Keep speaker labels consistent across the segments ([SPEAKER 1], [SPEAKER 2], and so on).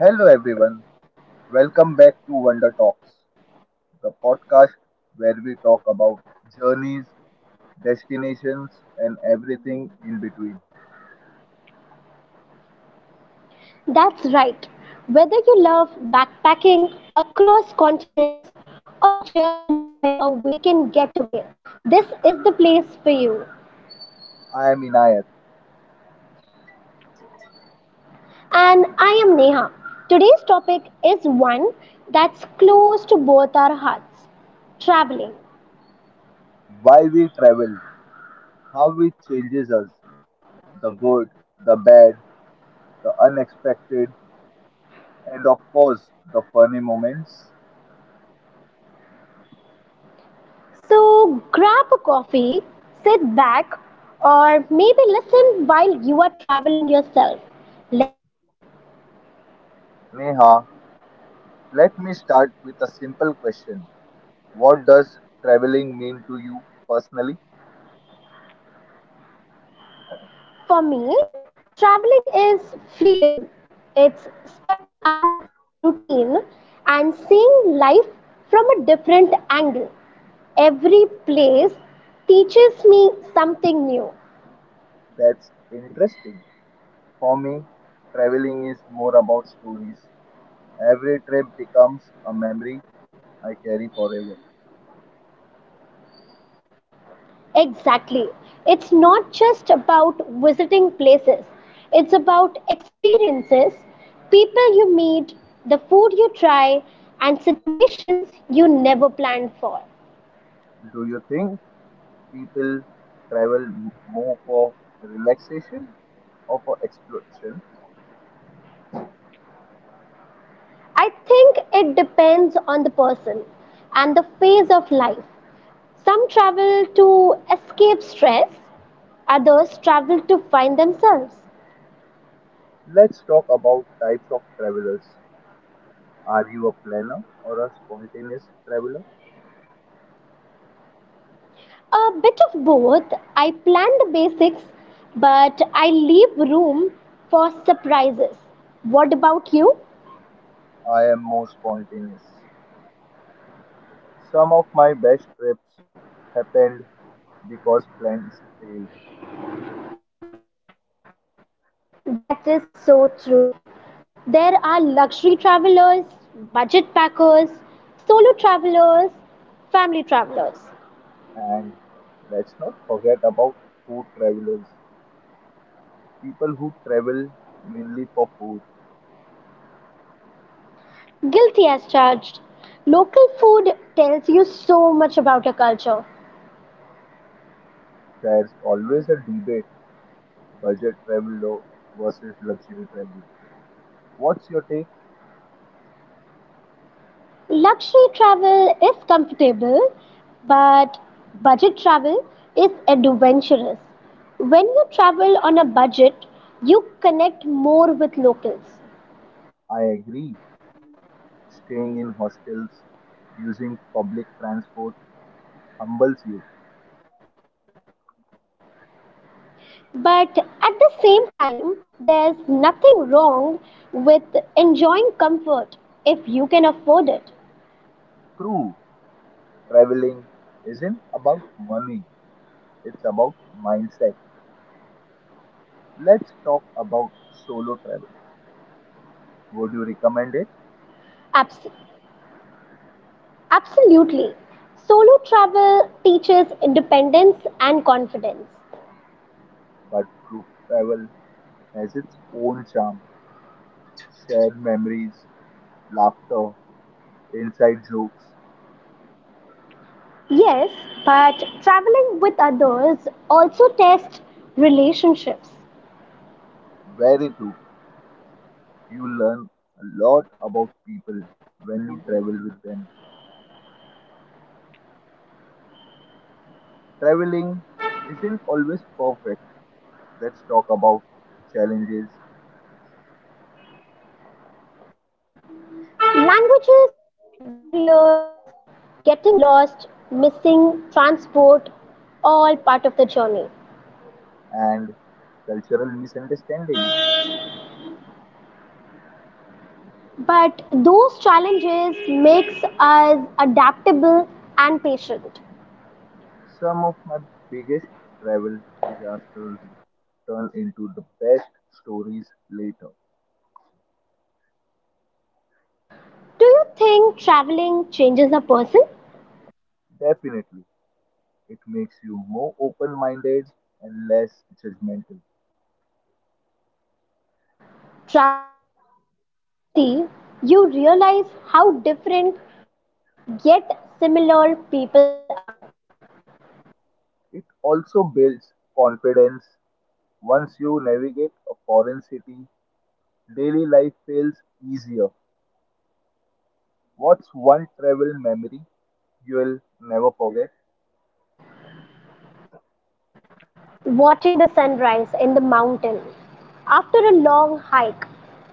[SPEAKER 1] Hello, everyone. Welcome back to Wonder Talks, the podcast where we talk about journeys, destinations, and everything in between.
[SPEAKER 2] That's right. Whether you love backpacking across continents or just enjoy a weekend getaway, this is the place for you.
[SPEAKER 1] I am Inayat.
[SPEAKER 2] And I am Neha. Today's topic is one that's close to both our hearts traveling.
[SPEAKER 1] Why we travel, how it changes us, the good, the bad, the unexpected, and of course, the funny moments.
[SPEAKER 2] So grab a coffee, sit back, or maybe listen while you are traveling yourself. Let's begin.
[SPEAKER 1] Neha, let me start with a simple question. What does traveling mean to you personally?
[SPEAKER 2] For me, traveling is freedom. It's stepping out of routine and seeing life from a different angle. Every place teaches me something new.
[SPEAKER 1] That's interesting. For me, traveling is more about stories. Every trip becomes a memory I carry forever.
[SPEAKER 2] Exactly. It's not just about visiting places, it's about experiences, people you meet, the food you try, and situations you never planned for.
[SPEAKER 1] Do you think people travel more for relaxation or for exploration?
[SPEAKER 2] I think it depends on the person and the of life. Some travel to escape stress, others travel to find themselves.
[SPEAKER 1] Let's talk about types of travelers. Are you a planner or a spontaneous traveler?
[SPEAKER 2] A bit of both. I plan the basics, but I leave room for surprises. What about you?
[SPEAKER 1] I am more spontaneous. Some of my best trips happened because plans failed.
[SPEAKER 2] That is so true. There are luxury travelers, budget packers, solo travelers, family travelers.
[SPEAKER 1] And let's not forget about food travelers, people who travel mainly for food.
[SPEAKER 2] Guilty as charged. Local food tells you so much about a culture.
[SPEAKER 1] There's always a debate, budget traveler versus luxury traveler. What's your take?
[SPEAKER 2] Luxury travel is comfortable, but budget travel is adventurous. When you travel on a budget, you connect more with locals.
[SPEAKER 1] I agree. Staying in hostels, using public transport, it humbles you.
[SPEAKER 2] But at the same time, there's nothing wrong with enjoying comfort if you can afford it.
[SPEAKER 1] True, traveling isn't about money, it's about mindset. Let's talk about solo travel. Would you recommend it?
[SPEAKER 2] Abs- Absolutely. Solo travel teaches independence and confidence.
[SPEAKER 1] But group travel has its own charm. Shared memories, laughter, inside jokes,
[SPEAKER 2] Yes, but traveling with others also tests relationships.
[SPEAKER 1] where too you learn a lot about people when you travel with them. Traveling isn't always perfect. Let's talk about challenges
[SPEAKER 2] Languages, barriers, getting lost, missing transport, all part of the journey.
[SPEAKER 1] and cultural misunderstandings.
[SPEAKER 2] But those challenges makes us adaptable and patient.
[SPEAKER 1] Some of my biggest travel disasters turn into the best stories later.
[SPEAKER 2] Do you think traveling changes a person?
[SPEAKER 1] Definitely. It makes you more open minded and less judgmental.
[SPEAKER 2] Traveling teaches empathy. You realize how different yet similar people are.
[SPEAKER 1] It also builds confidence. Once you navigate a foreign city, daily life feels easier. What's one travel memory you'll never forget?
[SPEAKER 2] Watching the sunrise in the mountain after a long hike,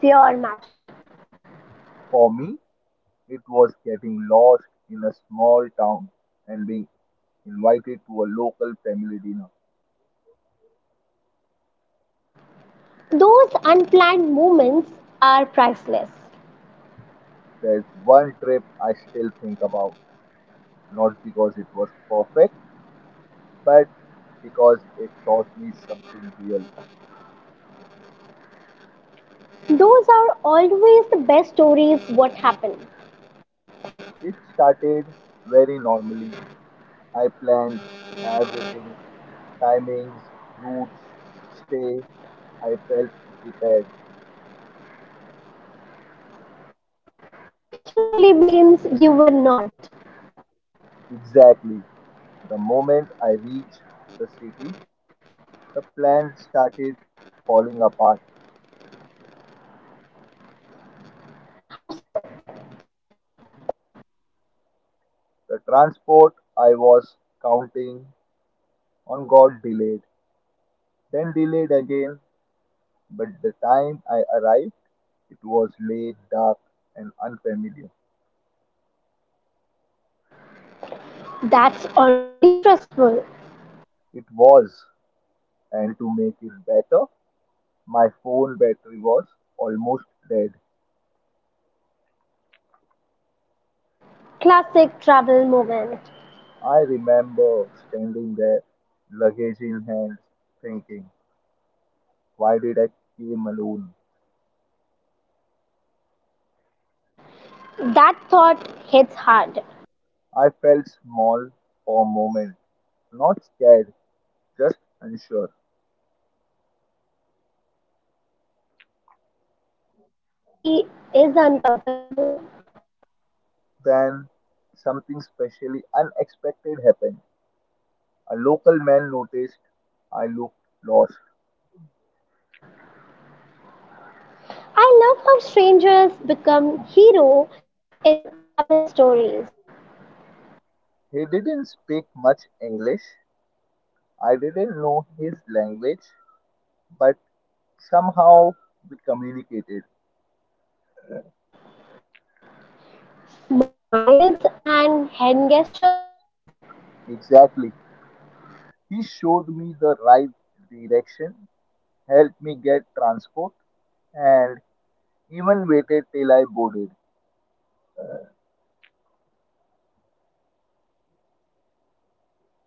[SPEAKER 2] pure magic.
[SPEAKER 1] For me, it was getting lost in a small town and being invited to a local family dinner.
[SPEAKER 2] Those unplanned moments are priceless.
[SPEAKER 1] There's one trip I still think about, not because it was perfect, but because it taught me something real.
[SPEAKER 2] Those are always the best stories what happened,
[SPEAKER 1] It started very normally. I planned everything, timings, routes, stay. I felt prepared.
[SPEAKER 2] which usually means you were not.
[SPEAKER 1] Exactly. The moment I reached the city, the plan started falling apart.
[SPEAKER 2] How so?
[SPEAKER 1] The transport I was counting on got delayed, then delayed again. But the time I arrived, it was late, dark, and unfamiliar.
[SPEAKER 2] That's already stressful.
[SPEAKER 1] It was, and to make it better, my phone battery was almost dead.
[SPEAKER 2] Classic travel moment.
[SPEAKER 1] I remember standing there, luggage in hand, thinking, why did I came alone?
[SPEAKER 2] That thought hits hard.
[SPEAKER 1] I felt small for a moment, not scared, just unsure.
[SPEAKER 2] That uncertainty is uncomfortable.
[SPEAKER 1] Then something specially unexpected happened. A local man noticed I looked lost.
[SPEAKER 2] I love how strangers become hero in travel stories.
[SPEAKER 1] He didn't speak much English. I didn't know his language, but somehow we communicated.
[SPEAKER 2] Smiles and hand gestures, I guess.
[SPEAKER 1] Exactly. He showed me the right direction, helped me get transport, and even waited till I boarded.
[SPEAKER 2] That kindness stays with you.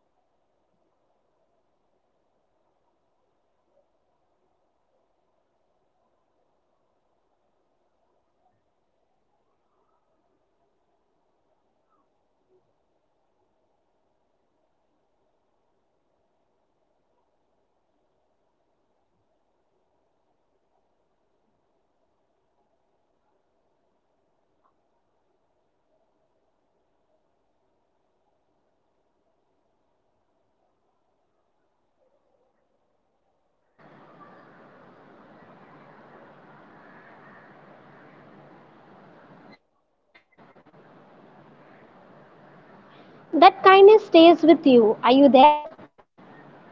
[SPEAKER 2] That kindness stays with you. Are you there?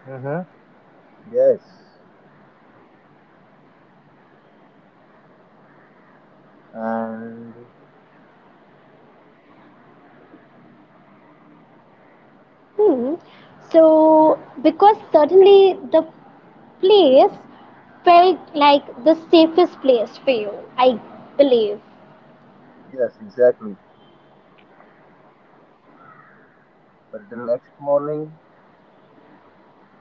[SPEAKER 1] Mm-hmm. Yes. And
[SPEAKER 2] Hmm. So, because certainly the place felt like the safest place for you, I believe.
[SPEAKER 1] yes, exactly. But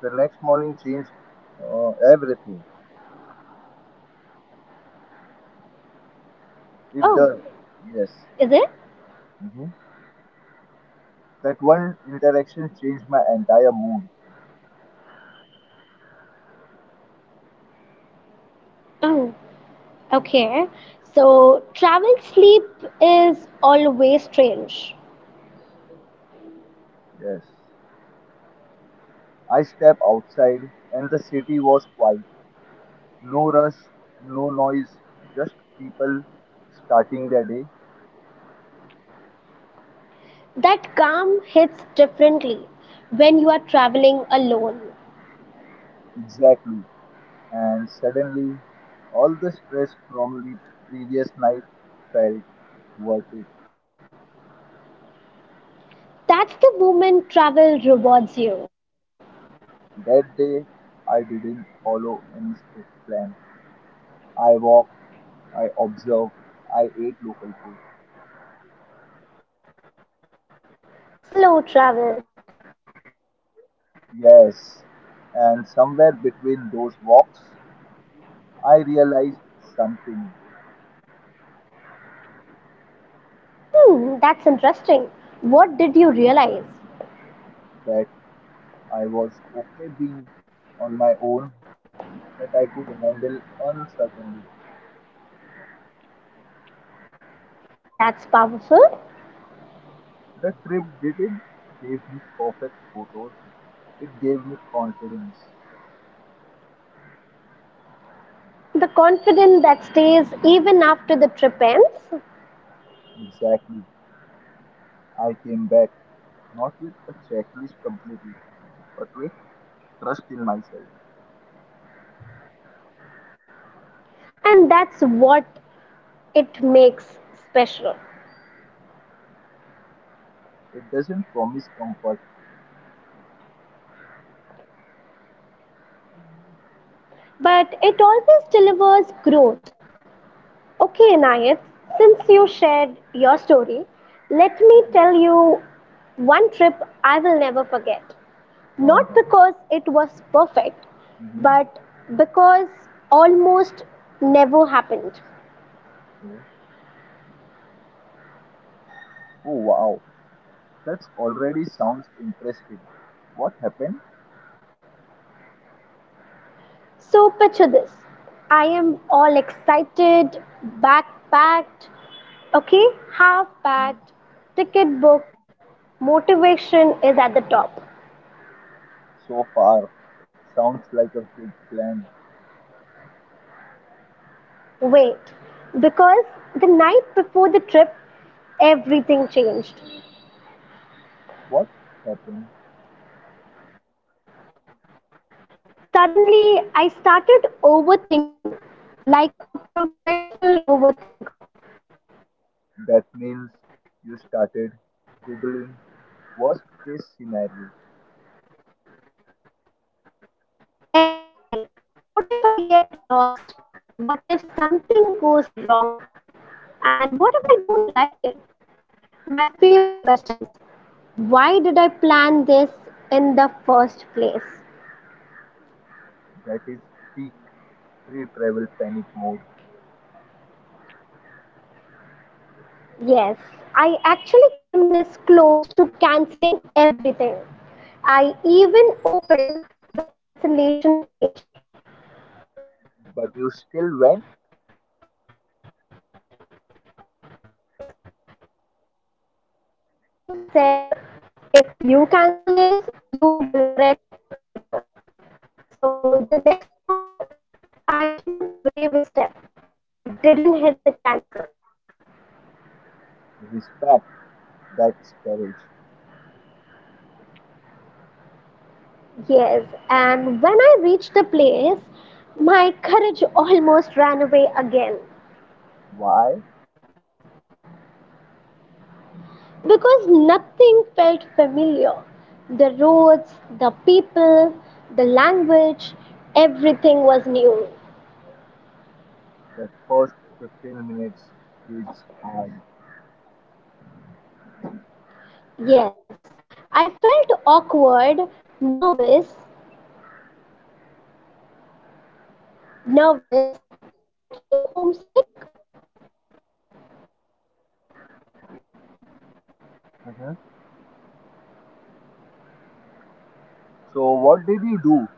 [SPEAKER 1] the next morning changed everything. It
[SPEAKER 2] Oh,
[SPEAKER 1] does. Yes.
[SPEAKER 2] is it?
[SPEAKER 1] Hmm. That one interaction changed my entire mood.
[SPEAKER 2] Oh, okay, so travel sleep is always strange.
[SPEAKER 1] Yes. I stepped outside and the city was quiet. No rush, no noise, just people starting their day.
[SPEAKER 2] That calm hits differently when you are traveling alone.
[SPEAKER 1] Exactly. And suddenly, all the stress from the previous night felt worth it.
[SPEAKER 2] That's the moment travel rewards you.
[SPEAKER 1] That day, I didn't follow any strict plan. I walked, I observed, I ate local food.
[SPEAKER 2] Slow travel.
[SPEAKER 1] Yes, and somewhere between those walks, I realized something.
[SPEAKER 2] Hmm, that's interesting. What did you realize?
[SPEAKER 1] That I was okay being on my own, that I could handle uncertainty.
[SPEAKER 2] That's powerful.
[SPEAKER 1] The trip didn't give me perfect photos, it gave me confidence.
[SPEAKER 2] The confidence that stays even after the trip ends,
[SPEAKER 1] Exactly. I came back not with a checklist completely, but with trust in myself.
[SPEAKER 2] and that's what it makes special.
[SPEAKER 1] It doesn't promise comfort.
[SPEAKER 2] But it always delivers growth. Okay, Anayat, since you shared your story, let me tell you one trip I will never forget.
[SPEAKER 1] All
[SPEAKER 2] Not
[SPEAKER 1] right.
[SPEAKER 2] because it was perfect,
[SPEAKER 1] Mhm.
[SPEAKER 2] but because almost never happened.
[SPEAKER 1] Yes. Oh wow. That already sounds interesting. What happened?
[SPEAKER 2] So, picture this. I am all excited, backpacked, okay, half
[SPEAKER 1] Hmm,
[SPEAKER 2] packed, ticket booked, motivation is at the top.
[SPEAKER 1] so far? Sounds like a good plan.
[SPEAKER 2] Wait, because the night before the trip, everything changed.
[SPEAKER 1] What happened?
[SPEAKER 2] Suddenly, I started overthinking like a professional overthinker.
[SPEAKER 1] That means you started Googling worst case scenario.
[SPEAKER 2] Exactly. What if I get lost? What if something goes wrong? And what if I don't like it? My favorite questions. Why did I plan this in the first place?
[SPEAKER 1] That is peak pre travel panic mode.
[SPEAKER 2] Yes, I actually came this close to canceling everything. I even opened the cancellation page.
[SPEAKER 1] But you still went?
[SPEAKER 2] Yes, because something inside me said, if you cancel this, you will regret it later. So the next morning, I took the bravest step. I didn't hit the cancel.
[SPEAKER 1] Respect. That's courage.
[SPEAKER 2] Yes, and when I reached the place, my courage almost ran away again.
[SPEAKER 1] Why?
[SPEAKER 2] Because nothing felt familiar. The roads, the people, the language, everything was new.
[SPEAKER 1] That first 15 minutes is hard.
[SPEAKER 2] Yes,
[SPEAKER 1] Mhm. So, what did you do?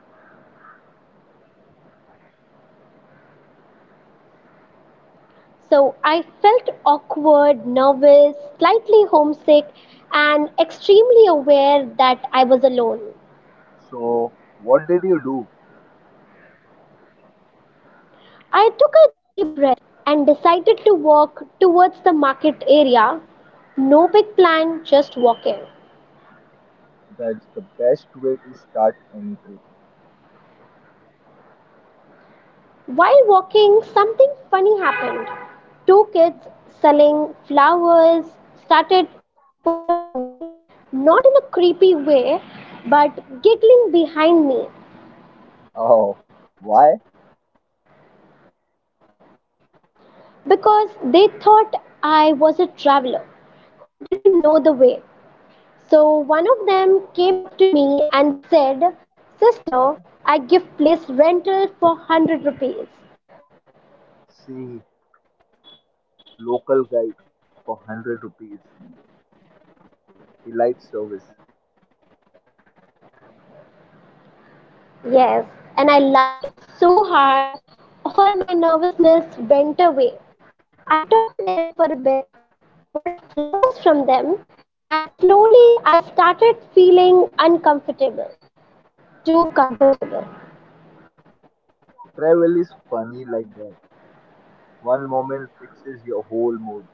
[SPEAKER 2] so I felt awkward, nervous, slightly homesick, and extremely aware that I was alone.
[SPEAKER 1] So, what did you do?
[SPEAKER 2] I took a deep breath and decided to walk towards the market area. No big plan, just walking.
[SPEAKER 1] That's the best way to start any trip.
[SPEAKER 2] While walking, something funny happened. Two kids selling flowers started following me, not in a creepy way, but giggling behind me.
[SPEAKER 1] Oh, why?
[SPEAKER 2] Because they thought I was a traveler who didn't know the way. So one of them came up to me and said, "Sister, I give place rental for 100 rupees."
[SPEAKER 1] See, local guide for 100 rupees. Elite service.
[SPEAKER 2] Yes, and I laughed so hard, all my nervousness went away. I talked to them for a bit, bought flowers from them, and slowly I started feeling uncomfortable. Too comfortable.
[SPEAKER 1] Travel is funny like that. One moment fixes your whole mood.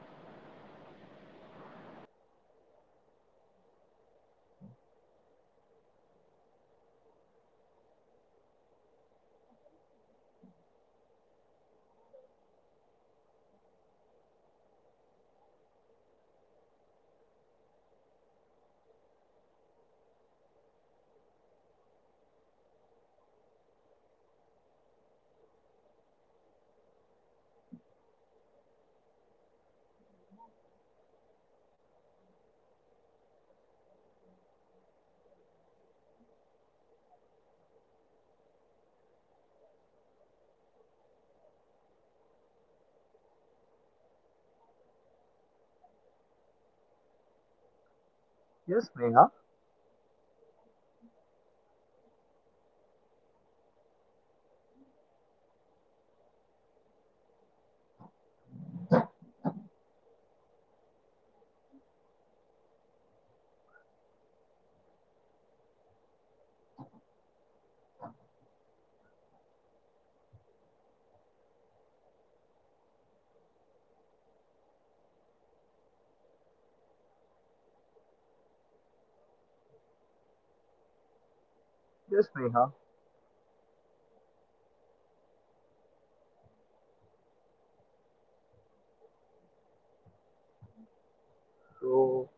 [SPEAKER 2] Exactly. When I reached a small tea stall, and I swear that tea was better than any expensive cafes I have ever been to. So, what is your thought on this? Hello?
[SPEAKER 1] Yes, Neha. Yes, Neha.
[SPEAKER 2] Hello?
[SPEAKER 1] So,